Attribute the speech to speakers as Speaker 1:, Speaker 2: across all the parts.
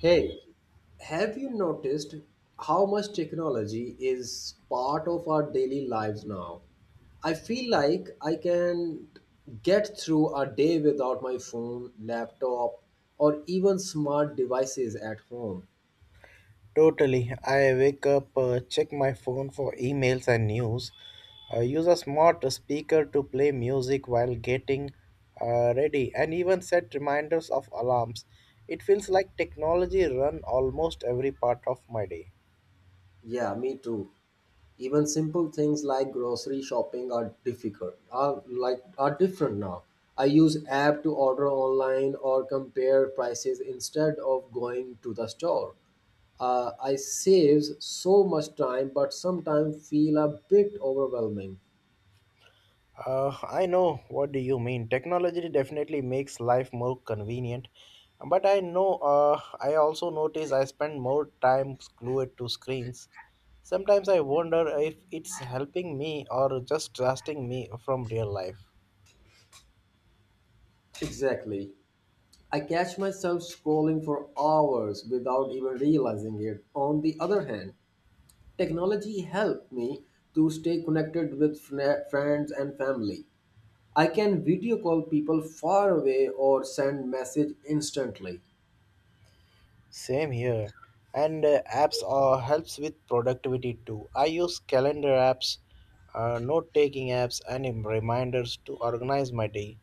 Speaker 1: Hey, have you noticed how much technology is part of our daily lives now? I feel like I can get through a day without my phone, laptop, or even smart devices at home.
Speaker 2: Totally. I wake up, check my phone for emails and news, use a smart speaker to play music while getting ready, and even set reminders of alarms. It feels like technology run almost every part of my day.
Speaker 1: Yeah, me too. Even simple things like grocery shopping are difficult. Are different now. I use app to order online or compare prices instead of going to the store. I saves so much time, but sometimes feel a bit overwhelming.
Speaker 2: I know what do you mean. Technology definitely makes life more convenient, but I know. I also notice I spend more time glued to screens. Sometimes I wonder if it's helping me or just distracting me from real life.
Speaker 1: Exactly. I catch myself scrolling for hours without even realizing it. On the other hand, technology helped me to stay connected with friends and family. I can video call people far away or send message instantly.
Speaker 2: Same here. And apps are helps with productivity too. I use calendar apps, note taking apps, and reminders to organize my day.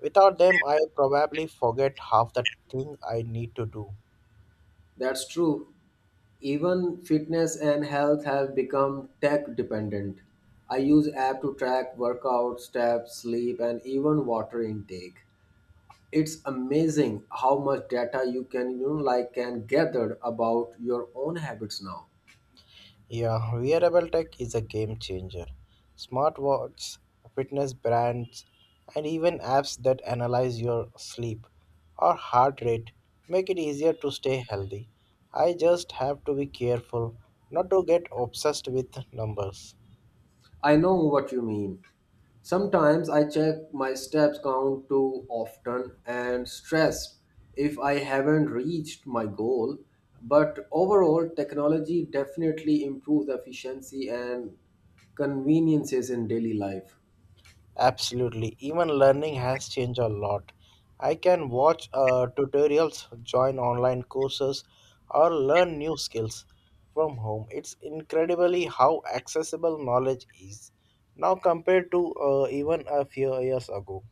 Speaker 2: Without them, I probably forget half the thing I need to do.
Speaker 1: That's true. Even fitness and health have become tech dependent. I use app to track workout, steps, sleep and even water intake. It's amazing how much data you can you know, like can gather about your own habits now.
Speaker 2: Yeah, wearable tech is a game changer. Smartwatches, fitness brands, and even apps that analyze your sleep or heart rate make it easier to stay healthy. I just have to be careful not to get obsessed with numbers.
Speaker 1: I know what you mean. Sometimes I check my steps count too often and stressed if I haven't reached my goal. But overall, technology definitely improves efficiency and conveniences in daily life.
Speaker 2: Absolutely. Even learning has changed a lot. I can watch tutorials, join online courses, or learn new skills from home. It's incredibly how accessible knowledge is now compared to even a few years ago.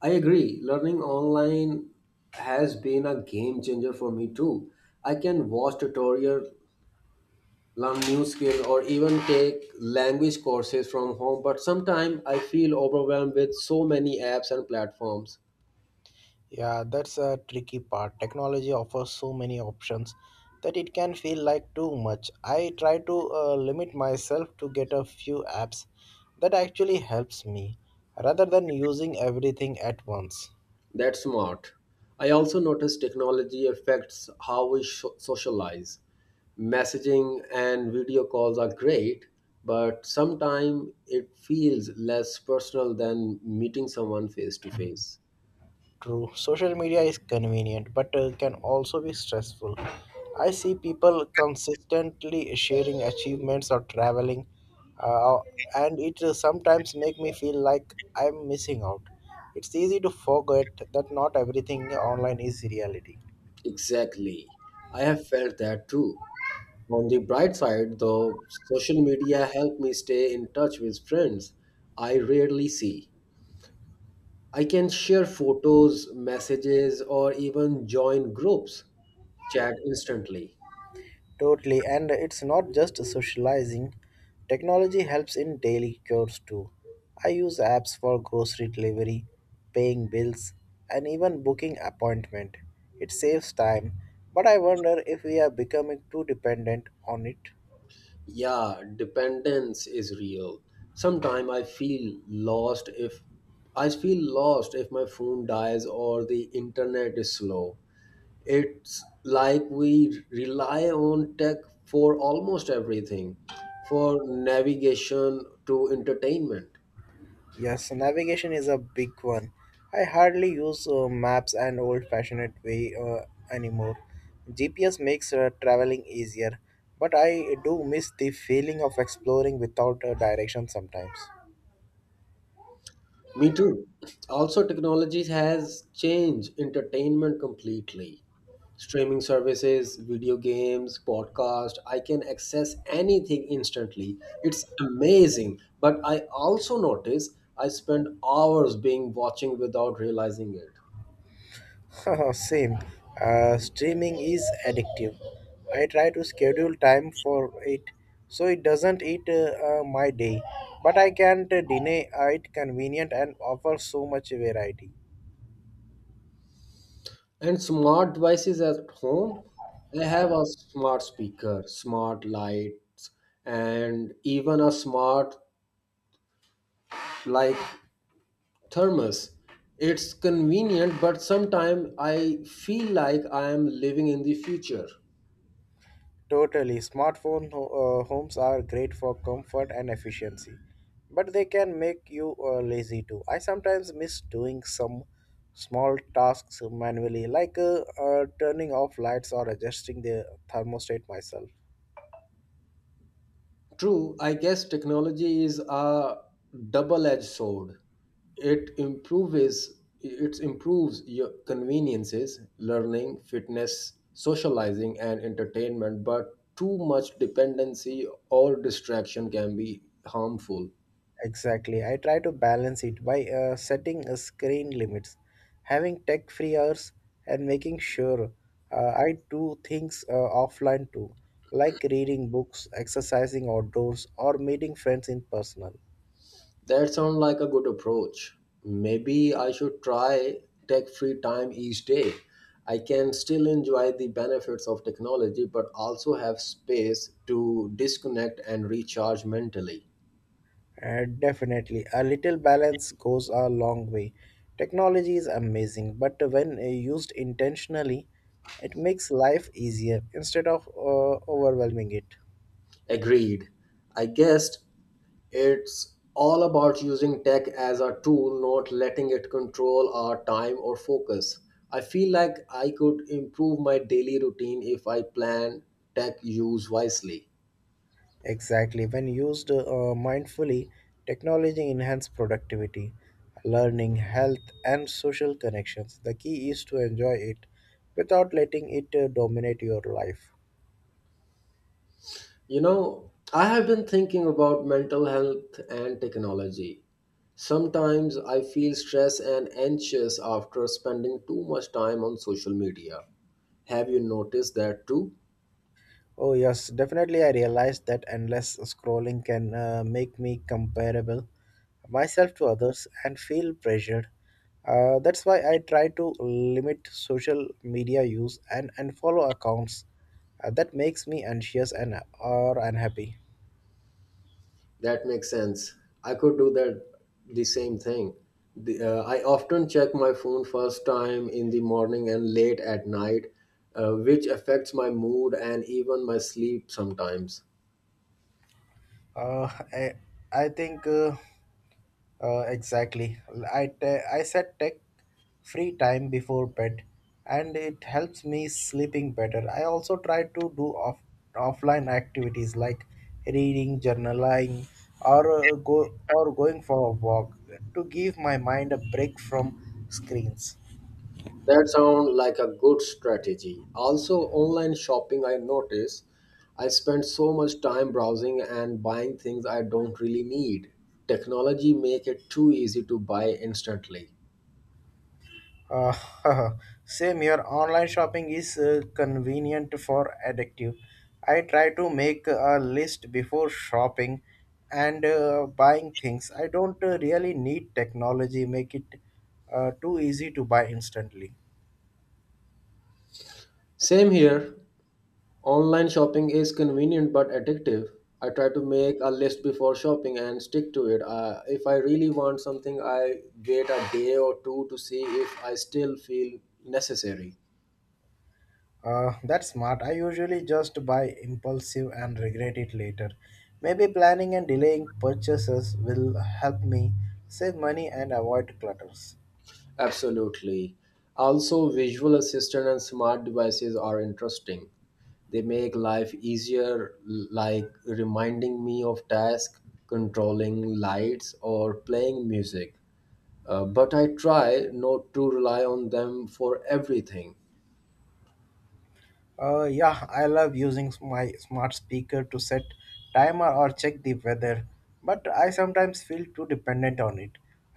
Speaker 1: I agree, learning online has been a game changer for me too. I can watch tutorial, learn new skill or even take language courses from home, but sometimes I feel overwhelmed with so many apps and platforms.
Speaker 2: Yeah, that's a tricky part. Technology offers so many options that it can feel like too much. I try to limit myself to get a few apps that actually helps me rather than using everything at once.
Speaker 1: That's smart. I also notice technology affects how we sho socialize. Messaging and video calls are great, but sometimes it feels less personal than meeting someone face to face.
Speaker 2: True. Social media is convenient, but can also be stressful. I see people consistently sharing achievements or traveling, uh, and it sometimes make me feel like I'm missing out. It's easy to forget that not everything online is reality.
Speaker 1: Exactly. I have felt that too. On the bright side, though, social media helped me stay in touch with friends I rarely see. I can share photos, messages, or even join groups, chat instantly.
Speaker 2: Totally, and it's not just socializing. Technology helps in daily chores too. I use apps for grocery delivery, paying bills, and even booking appointment. It saves time, but I wonder if we are becoming too dependent on it.
Speaker 1: Yeah, dependence is real. Sometimes I feel lost if my phone dies or the internet is slow. It's like we rely on tech for almost everything, for navigation to entertainment.
Speaker 2: Yes, navigation is a big one. I hardly use maps an old-fashioned way anymore. GPS makes traveling easier, but I do miss the feeling of exploring without a direction sometimes.
Speaker 1: Me too. Also, technology has changed entertainment completely. Streaming services, video games, podcast, I can access anything instantly. It's amazing. But I also notice I spend hours being watching without realizing it.
Speaker 2: Same. Streaming is addictive. I try to schedule time for it so it doesn't eat my day, but I can't deny it convenient and offers so much variety.
Speaker 1: And smart devices at home, I have a smart speaker, smart lights, and even a smart like thermos. It's convenient, but sometimes I feel like I am living in the future.
Speaker 2: Totally. Smartphone homes are great for comfort and efficiency, but they can make you lazy too. I sometimes miss doing some small tasks manually, like turning off lights or adjusting the thermostat myself.
Speaker 1: True, I guess technology is a double-edged sword. It improves it improves your conveniences, learning, fitness, socializing, and entertainment, but too much dependency or distraction can be harmful.
Speaker 2: Exactly. I try to balance it by setting a screen limits, having tech free hours, and making sure I do things offline too, like reading books, exercising outdoors, or meeting friends in person.
Speaker 1: That sounds like a good approach. Maybe I should try tech free time each day. I can still enjoy the benefits of technology, but also have space to disconnect and recharge mentally.
Speaker 2: Definitely, a little balance goes a long way. Technology is amazing, but when used intentionally, it makes life easier instead of overwhelming it.
Speaker 1: Agreed. I guess it's all about using tech as a tool, not letting it control our time or focus. I feel like I could improve my daily routine if I plan tech use wisely.
Speaker 2: Exactly. When used mindfully, technology enhances productivity, learning, health, and social connections. The key is to enjoy it without letting it dominate your life.
Speaker 1: You know, I have been thinking about mental health and technology. Sometimes I feel stressed and anxious after spending too much time on social media. Have you noticed that too?
Speaker 2: Oh, yes, definitely. I realized that endless scrolling can make me comparable myself to others and feel pressured. That's why I try to limit social media use and follow accounts that makes me anxious and or unhappy.
Speaker 1: That makes sense. I could do that the same thing. I often check my phone first time in the morning and late at night, which affects my mood and even my sleep sometimes.
Speaker 2: Uh, I, I think exactly. I set tech free time before bed, and it helps me sleeping better. I also try to do offline activities like reading, journaling, or go or going for a walk to give my mind a break from screens.
Speaker 1: That sounds like a good strategy. Also, online shopping, I notice I spend so much time browsing and buying things I don't really need. Technology make it too easy to buy instantly.
Speaker 2: Uh, Same here. Online shopping is convenient for addictive. I try to make a list before shopping and buying things. I don't really need technology. Make it too easy to buy instantly.
Speaker 1: Same here. Online shopping is convenient but addictive. I try to make a list before shopping and stick to it. If I really want something, I wait a day or two to see if I still feel necessary.
Speaker 2: That's smart. I usually just buy impulsive and regret it later. Maybe planning and delaying purchases will help me save money and avoid clutters.
Speaker 1: Absolutely. Also, visual assistant and smart devices are interesting. They make life easier, like reminding me of tasks, controlling lights, or playing music. But I try not to rely on them for everything.
Speaker 2: Yeah, I love using my smart speaker to set timer or check the weather, but I sometimes feel too dependent on it.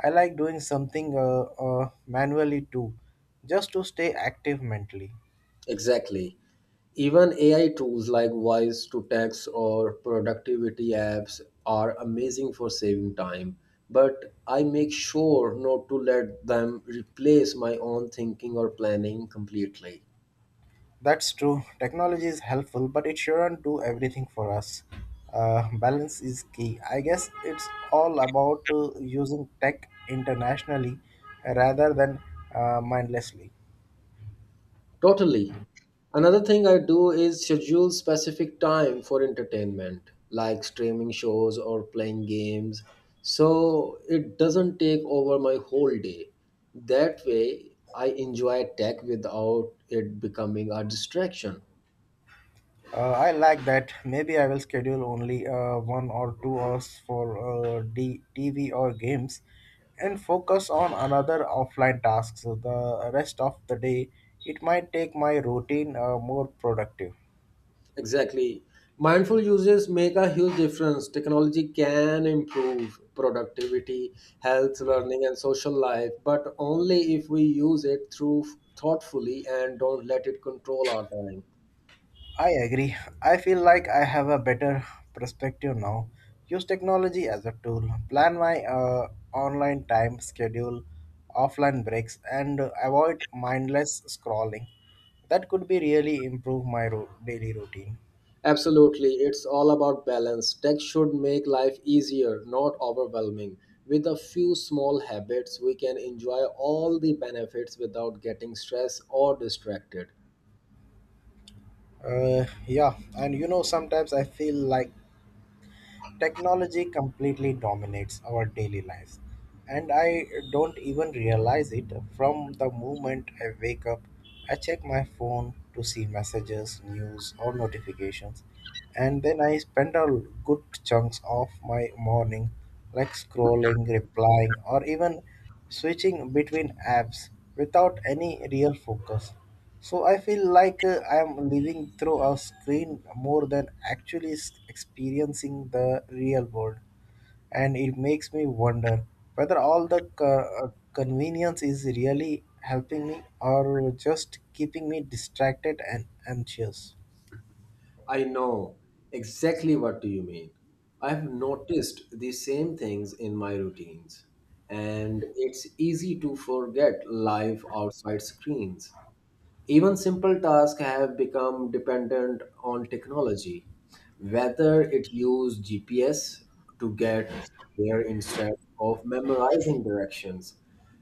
Speaker 2: I like doing something manually too, just to stay active mentally.
Speaker 1: Exactly. Even AI tools like voice to text or productivity apps are amazing for saving time, but I make sure not to let them replace my own thinking or planning completely.
Speaker 2: That's true. Technology is helpful, but it shouldn't do everything for us. Balance is key. I guess it's all about using tech internationally rather than mindlessly.
Speaker 1: Totally. Another thing I do is schedule specific time for entertainment, like streaming shows or playing games, so it doesn't take over my whole day. That way, I enjoy tech without it becoming a distraction.
Speaker 2: I like that. Maybe I will schedule only 1 or 2 hours for TV or games and focus on another offline task. So the rest of the day, it might take my routine more productive.
Speaker 1: Exactly. Mindful uses make a huge difference. Technology can improve productivity, health, learning, and social life, but only if we use it through thoughtfully and don't let it control our time.
Speaker 2: I agree. I feel like I have a better perspective now. Use technology as a tool. Plan my online time schedule, offline breaks, and avoid mindless scrolling. That could be really improve my daily routine.
Speaker 1: Absolutely, it's all about balance. Tech should make life easier, not overwhelming. With a few small habits, we can enjoy all the benefits without getting stressed or distracted.
Speaker 2: Yeah, and sometimes I feel like technology completely dominates our daily lives, and I don't even realize it from the moment I wake up. I check my phone to see messages, news, or notifications, and then I spend a good chunks of my morning like scrolling, replying, or even switching between apps without any real focus. So I feel like I am living through a screen more than actually experiencing the real world, and it makes me wonder whether all the convenience is really helping me or just keeping me distracted and anxious.
Speaker 1: I know exactly what do you mean. I've noticed the same things in my routines, and it's easy to forget life outside screens. Even simple tasks have become dependent on technology, whether it used GPS to get there instead of memorizing directions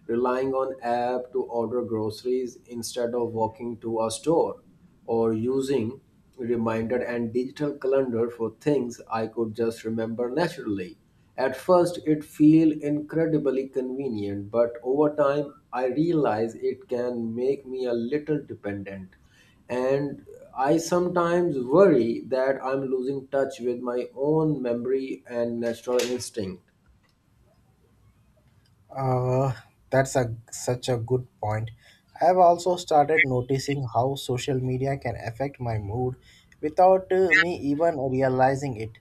Speaker 1: relying on app to order groceries instead of walking to a store or using reminder and digital calendar for things I could just remember naturally. At first it feel incredibly convenient, but over time I realize it can make me a little dependent and I sometimes worry that I'm losing touch with my own memory and natural instinct.
Speaker 2: Uh, that's a such a good point. I have also started noticing how social media can affect my mood without me even realizing it.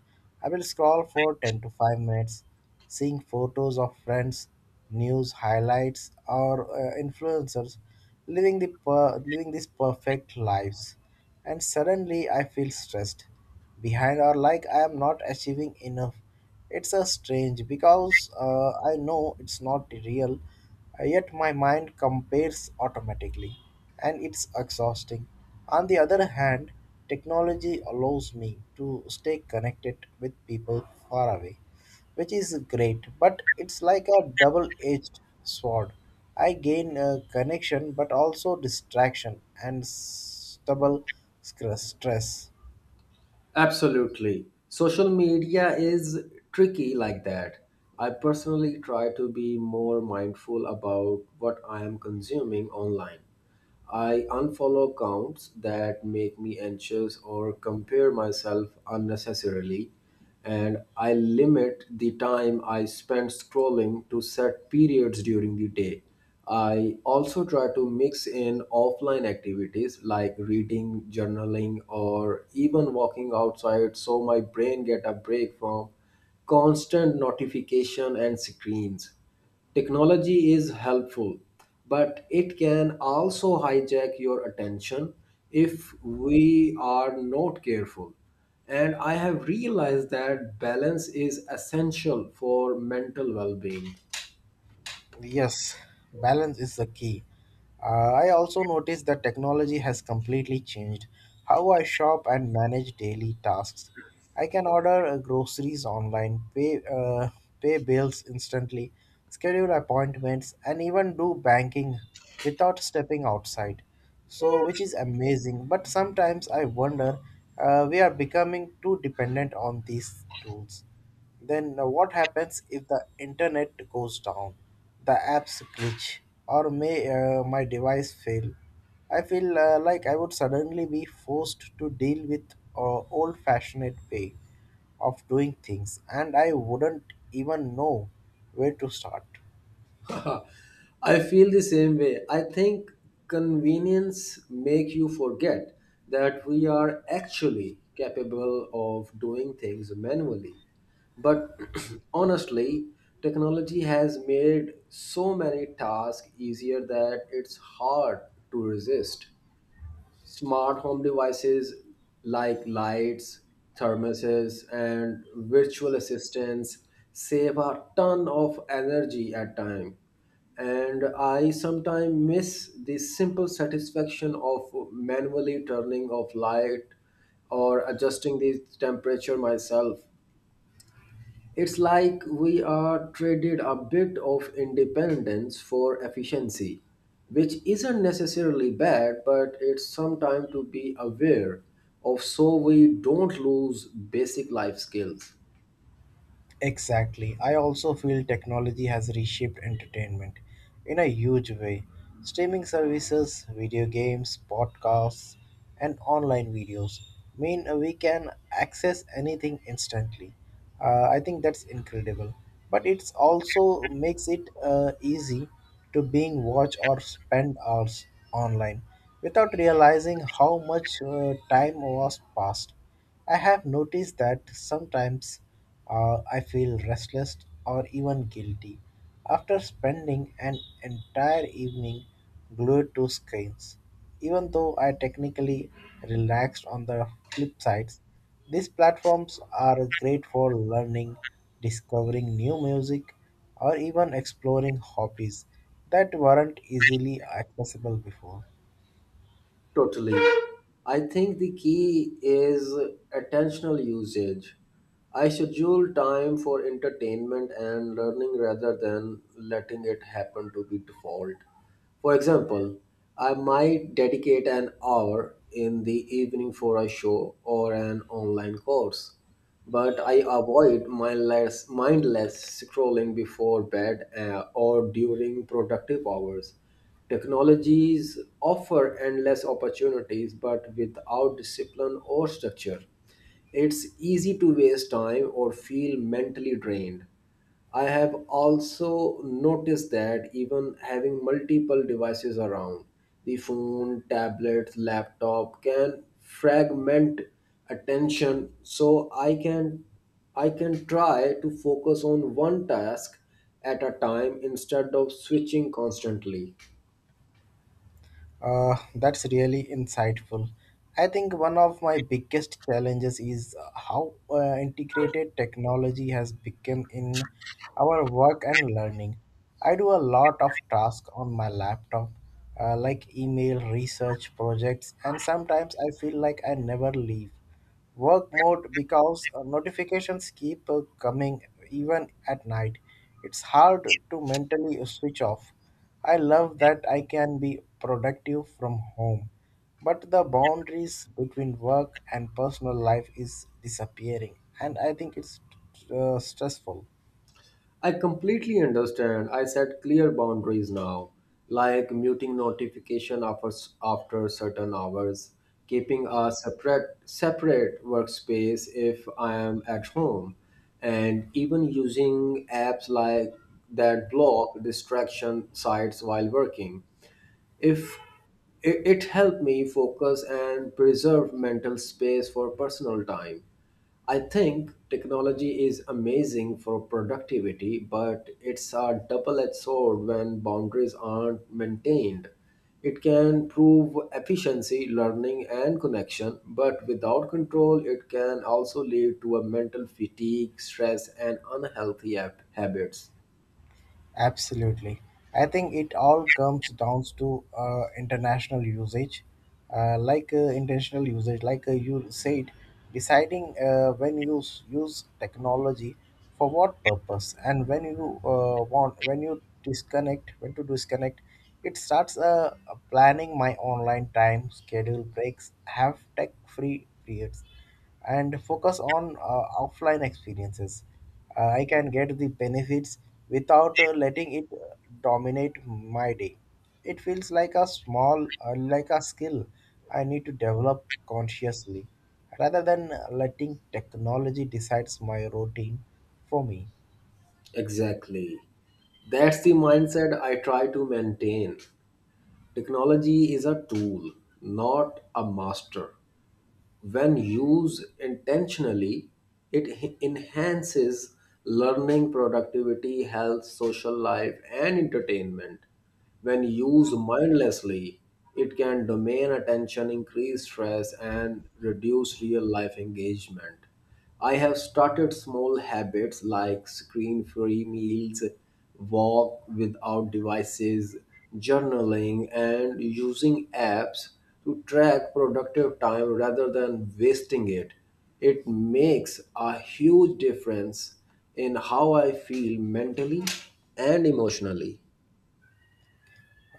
Speaker 2: I will scroll for 10 to 5 minutes, seeing photos of friends, news highlights, or influencers living these perfect lives, and suddenly I feel stressed behind or like I am not achieving enough. It's a strange because I know it's not real, yet my mind compares automatically and it's exhausting. On the other hand, technology allows me to stay connected with people far away, which is great, but it's like a double edged sword. I gain a connection but also distraction and stress.
Speaker 1: Absolutely. Social media is tricky like that. I personally try to be more mindful about what I am consuming online. I unfollow accounts that make me anxious or compare myself unnecessarily and I limit the time I spend scrolling to set periods during the day. I also try to mix in offline activities like reading, journaling, or even walking outside so my brain get a break from constant notification and screens. Technology is helpful, but it can also hijack your attention if we are not careful. And I have realized that balance is essential for mental well being.
Speaker 2: Yes, balance is the key. I also noticed that technology has completely changed how I shop and manage daily tasks. I can order groceries online, pay bills instantly, schedule appointments, and even do banking without stepping outside. So, which is amazing. But sometimes I wonder, we are becoming too dependent on these tools. Then what happens if the internet goes down, the apps glitch, or may my device fail? I feel like I would suddenly be forced to deal with old-fashioned way of doing things, and I wouldn't even know where to start.
Speaker 1: I feel the same way. I think convenience make you forget that we are actually capable of doing things manually. But honestly, technology has made so many tasks easier that it's hard to resist. Smart home devices like lights, thermoses, and virtual assistants save a ton of energy at time. And I sometimes miss the simple satisfaction of manually turning off light or adjusting the temperature myself. It's like we are traded a bit of independence for efficiency, which isn't necessarily bad, but it's sometimes to be aware of so we don't lose basic life skills.
Speaker 2: Exactly. I also feel technology has reshaped entertainment in a huge way. Streaming services, video games, podcasts, and online videos mean we can access anything instantly. I think that's incredible. But it's also makes it easy to being watch or spend hours online without realizing how much time was passed. I have noticed that sometimes I feel restless or even guilty after spending an entire evening glued to screens. Even though I technically relaxed on the flip sides, these platforms are great for learning, discovering new music, or even exploring hobbies that weren't easily accessible before.
Speaker 1: Totally. I think the key is attentional usage. I schedule time for entertainment and learning rather than letting it happen to be default. For example, I might dedicate an hour in the evening for a show or an online course but I avoid mindless scrolling before bed or during productive hours. Technologies offer endless opportunities, but without discipline or structure, it's easy to waste time or feel mentally drained. I have also noticed that even having multiple devices around, the phone, tablet, laptop can fragment attention so I can try to focus on one task at a time instead of switching constantly.
Speaker 2: That's really insightful. I think one of my biggest challenges is how integrated technology has become in our work and learning. I do a lot of tasks on my laptop, like email, research, projects, and sometimes I feel like I never leave work mode because notifications keep coming even at night. It's hard to mentally switch off. I love that I can be productive from home, but the boundaries between work and personal life is disappearing, and I think it's stressful.
Speaker 1: I completely understand. I set clear boundaries now, like muting notification after certain hours, keeping a separate workspace if I am at home, and even using apps like that block distraction sites while working. If it, it helped me focus and preserve mental space for personal time. I think technology is amazing for productivity, but it's a double edged sword when boundaries aren't maintained. It can prove efficiency, learning, and connection, but without control, it can also lead to a mental fatigue, stress, and unhealthy habits.
Speaker 2: Absolutely. I think it all comes down to international usage, like intentional usage, like you said, deciding when you use technology for what purpose and when you want, when you disconnect, when to disconnect. It starts planning my online time, schedule breaks, have tech free periods and focus on offline experiences. I can get the benefits without letting it dominate my day. It feels like a small, like a skill I need to develop consciously rather than letting technology decides my routine for me.
Speaker 1: Exactly. That's the mindset I try to maintain. Technology is a tool, not a master. When used intentionally, it enhances learning, productivity, health, social life, and entertainment. When used mindlessly, it can domain attention, increase stress, and reduce real life engagement. I have started small habits like screen free meals, walk without devices, journaling, and using apps to track productive time rather than wasting it. It makes a huge difference in how I feel mentally and emotionally.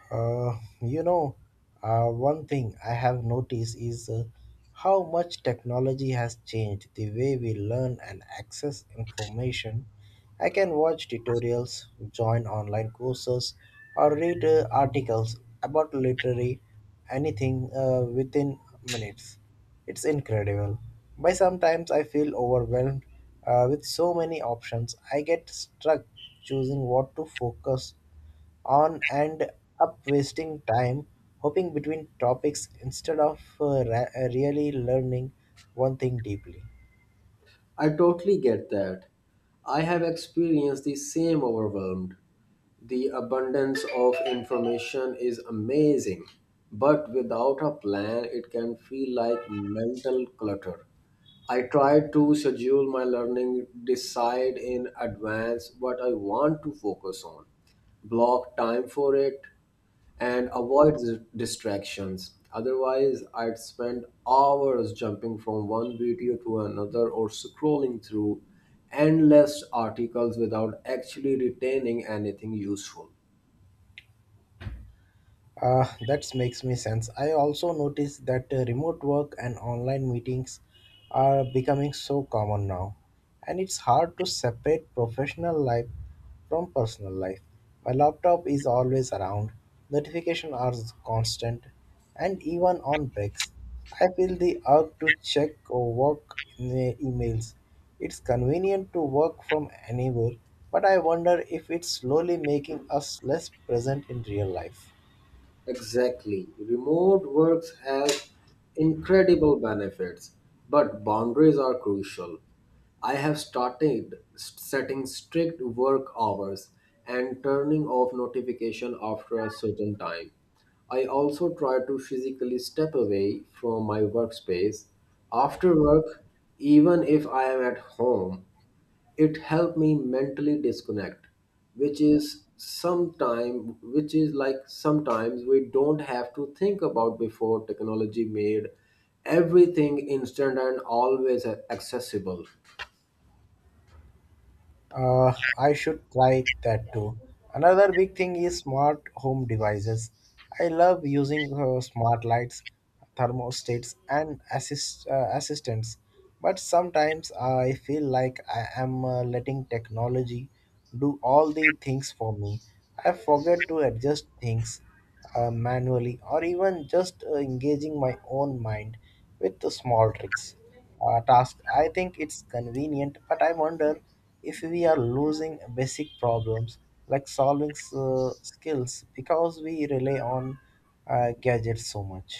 Speaker 2: Uh, you know, one thing I have noticed is how much technology has changed the way we learn and access information. I can watch tutorials, join online courses, or read articles about literary anything within minutes. It's incredible. But sometimes I feel overwhelmed with so many options. I get stuck choosing what to focus on and up wasting time hopping between topics instead of really learning one thing deeply.
Speaker 1: I totally get that. I have experienced the same overwhelmed. The abundance of information is amazing, but without a plan, it can feel like mental clutter. I try to schedule my learning, decide in advance what I want to focus on, block time for it, and avoid distractions. Otherwise, I'd spend hours jumping from one video to another or scrolling through endless articles without actually retaining anything useful.
Speaker 2: That makes me sense. I also noticed that remote work and online meetings are becoming so common now, and it's hard to separate professional life from personal life. My laptop is always around, notifications are constant, and even on breaks, I feel the urge to check or work emails. It's convenient to work from anywhere, but I wonder if it's slowly making us less present in real life.
Speaker 1: Exactly. Remote works has incredible benefits, but boundaries are crucial. I have started setting strict work hours and turning off notification after a certain time. I also try to physically step away from my workspace after work, even if I am at home it helped me mentally disconnect which is sometime which is like sometimes we don't have to think about before technology made everything instant and always accessible.
Speaker 2: I should try that too. Another big thing is smart home devices. I love using smart lights, thermostats, and assistants. But sometimes I feel like I am letting technology do all the things for me. I forget to adjust things manually or even just engaging my own mind with the small tricks task. I think it's convenient, but I wonder if we are losing basic problems like solving skills because we rely on gadgets so much.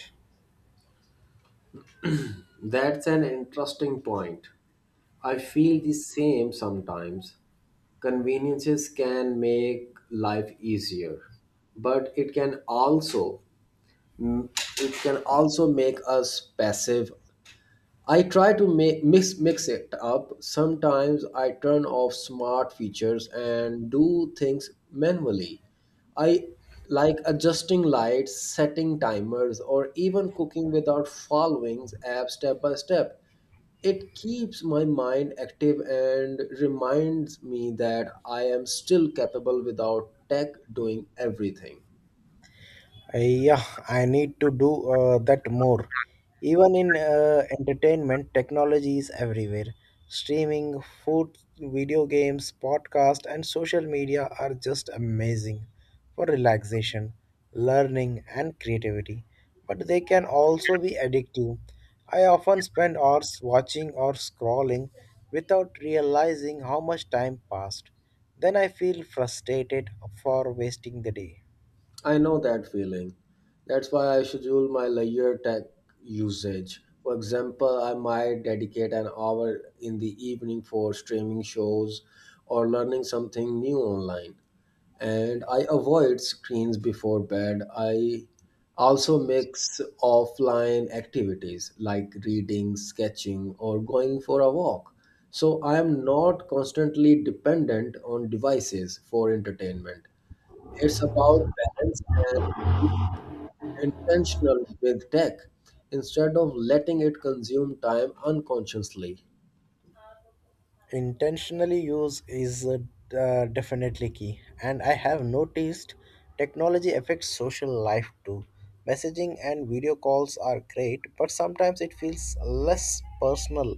Speaker 1: That's an interesting point. I feel the same sometimes. Conveniences can make life easier but it can also make us passive. I try to make, mix mix it up. Sometimes I turn off smart features and do things manually. I like adjusting lights, setting timers, or even cooking without following apps step by step. It keeps my mind active and reminds me that I am still capable without tech doing everything.
Speaker 2: Yeah, I need to do that more. Even in entertainment, technology is everywhere. Streaming, food, video games, podcast, and social media are just amazing for relaxation, learning, and creativity. But they can also be addictive. I often spend hours watching or scrolling without realizing how much time passed. Then I feel frustrated for wasting the day.
Speaker 1: I know that feeling. That's why I schedule my layer tech usage. For example, I might dedicate an hour in the evening for streaming shows or learning something new online. And I avoid screens before bed. I also mix offline activities like reading, sketching, or going for a walk. So I am not constantly dependent on devices for entertainment. It's about balance and intentional with tech instead of letting it consume time unconsciously.
Speaker 2: Intentionally use is definitely key. And I have noticed technology affects social life too. Messaging and video calls are great, but sometimes it feels less personal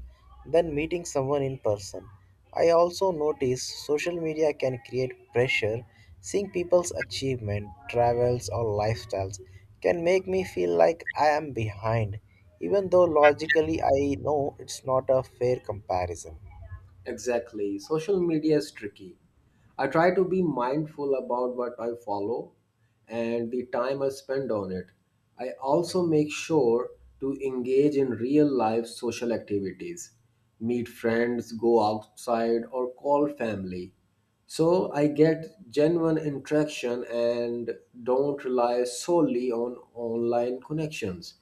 Speaker 2: than meeting someone in person. I also notice social media can create pressure. Seeing people's achievement travels or lifestyles can make me feel like I am behind, even though logically I know it's not a fair comparison.
Speaker 1: Exactly. Social media is tricky. I try to be mindful about what I follow and the time I spend on it. I also make sure to engage in real life social activities, meet friends, go outside, or call family. So I get genuine interaction and don't rely solely on online connections.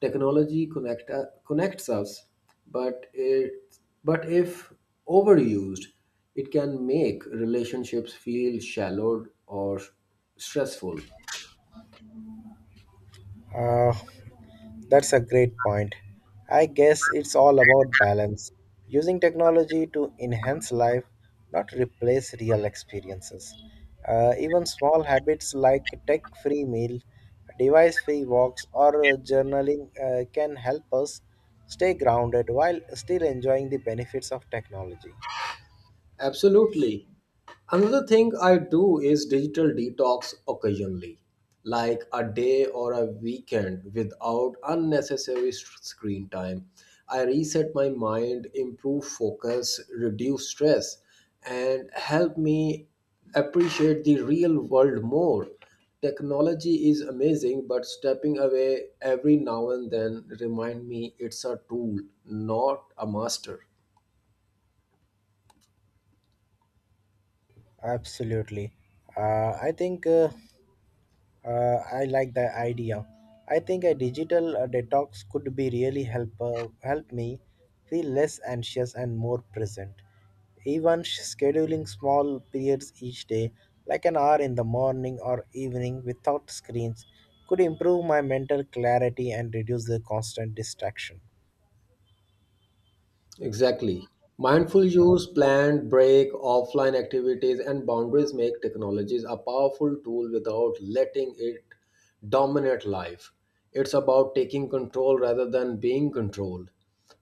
Speaker 1: Technology connects us, but it but if overused, it can make relationships feel shallow or stressful.
Speaker 2: Uh, that's a great point. I guess it's all about balance, using technology to enhance life, not replace real experiences. Even small habits like tech free meal, device free walks, or journaling can help us stay grounded while still enjoying the benefits of technology.
Speaker 1: Absolutely. Another thing I do is digital detox occasionally, like a day or a weekend without unnecessary screen time. I reset my mind, improve focus, reduce stress, and help me appreciate the real world more. Technology is amazing, but stepping away every now and then remind me it's a tool, not a master.
Speaker 2: Absolutely. I think uh, I like the idea. I think a digital detox could be really help me feel less anxious and more present. Even scheduling small periods each day, like an hour in the morning or evening without screens, could improve my mental clarity and reduce the constant distraction.
Speaker 1: Exactly. Mindful use, planned break, offline activities, and boundaries make technologies a powerful tool without letting it dominate life. It's about taking control rather than being controlled.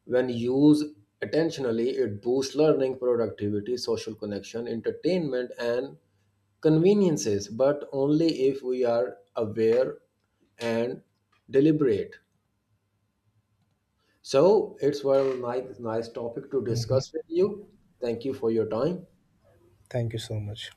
Speaker 1: When used intentionally, it boosts learning, productivity, social connection, entertainment, and conveniences, but only if we are aware and deliberate. So it's well nice topic to discuss with you. Thank you for your time.
Speaker 2: Thank you so much.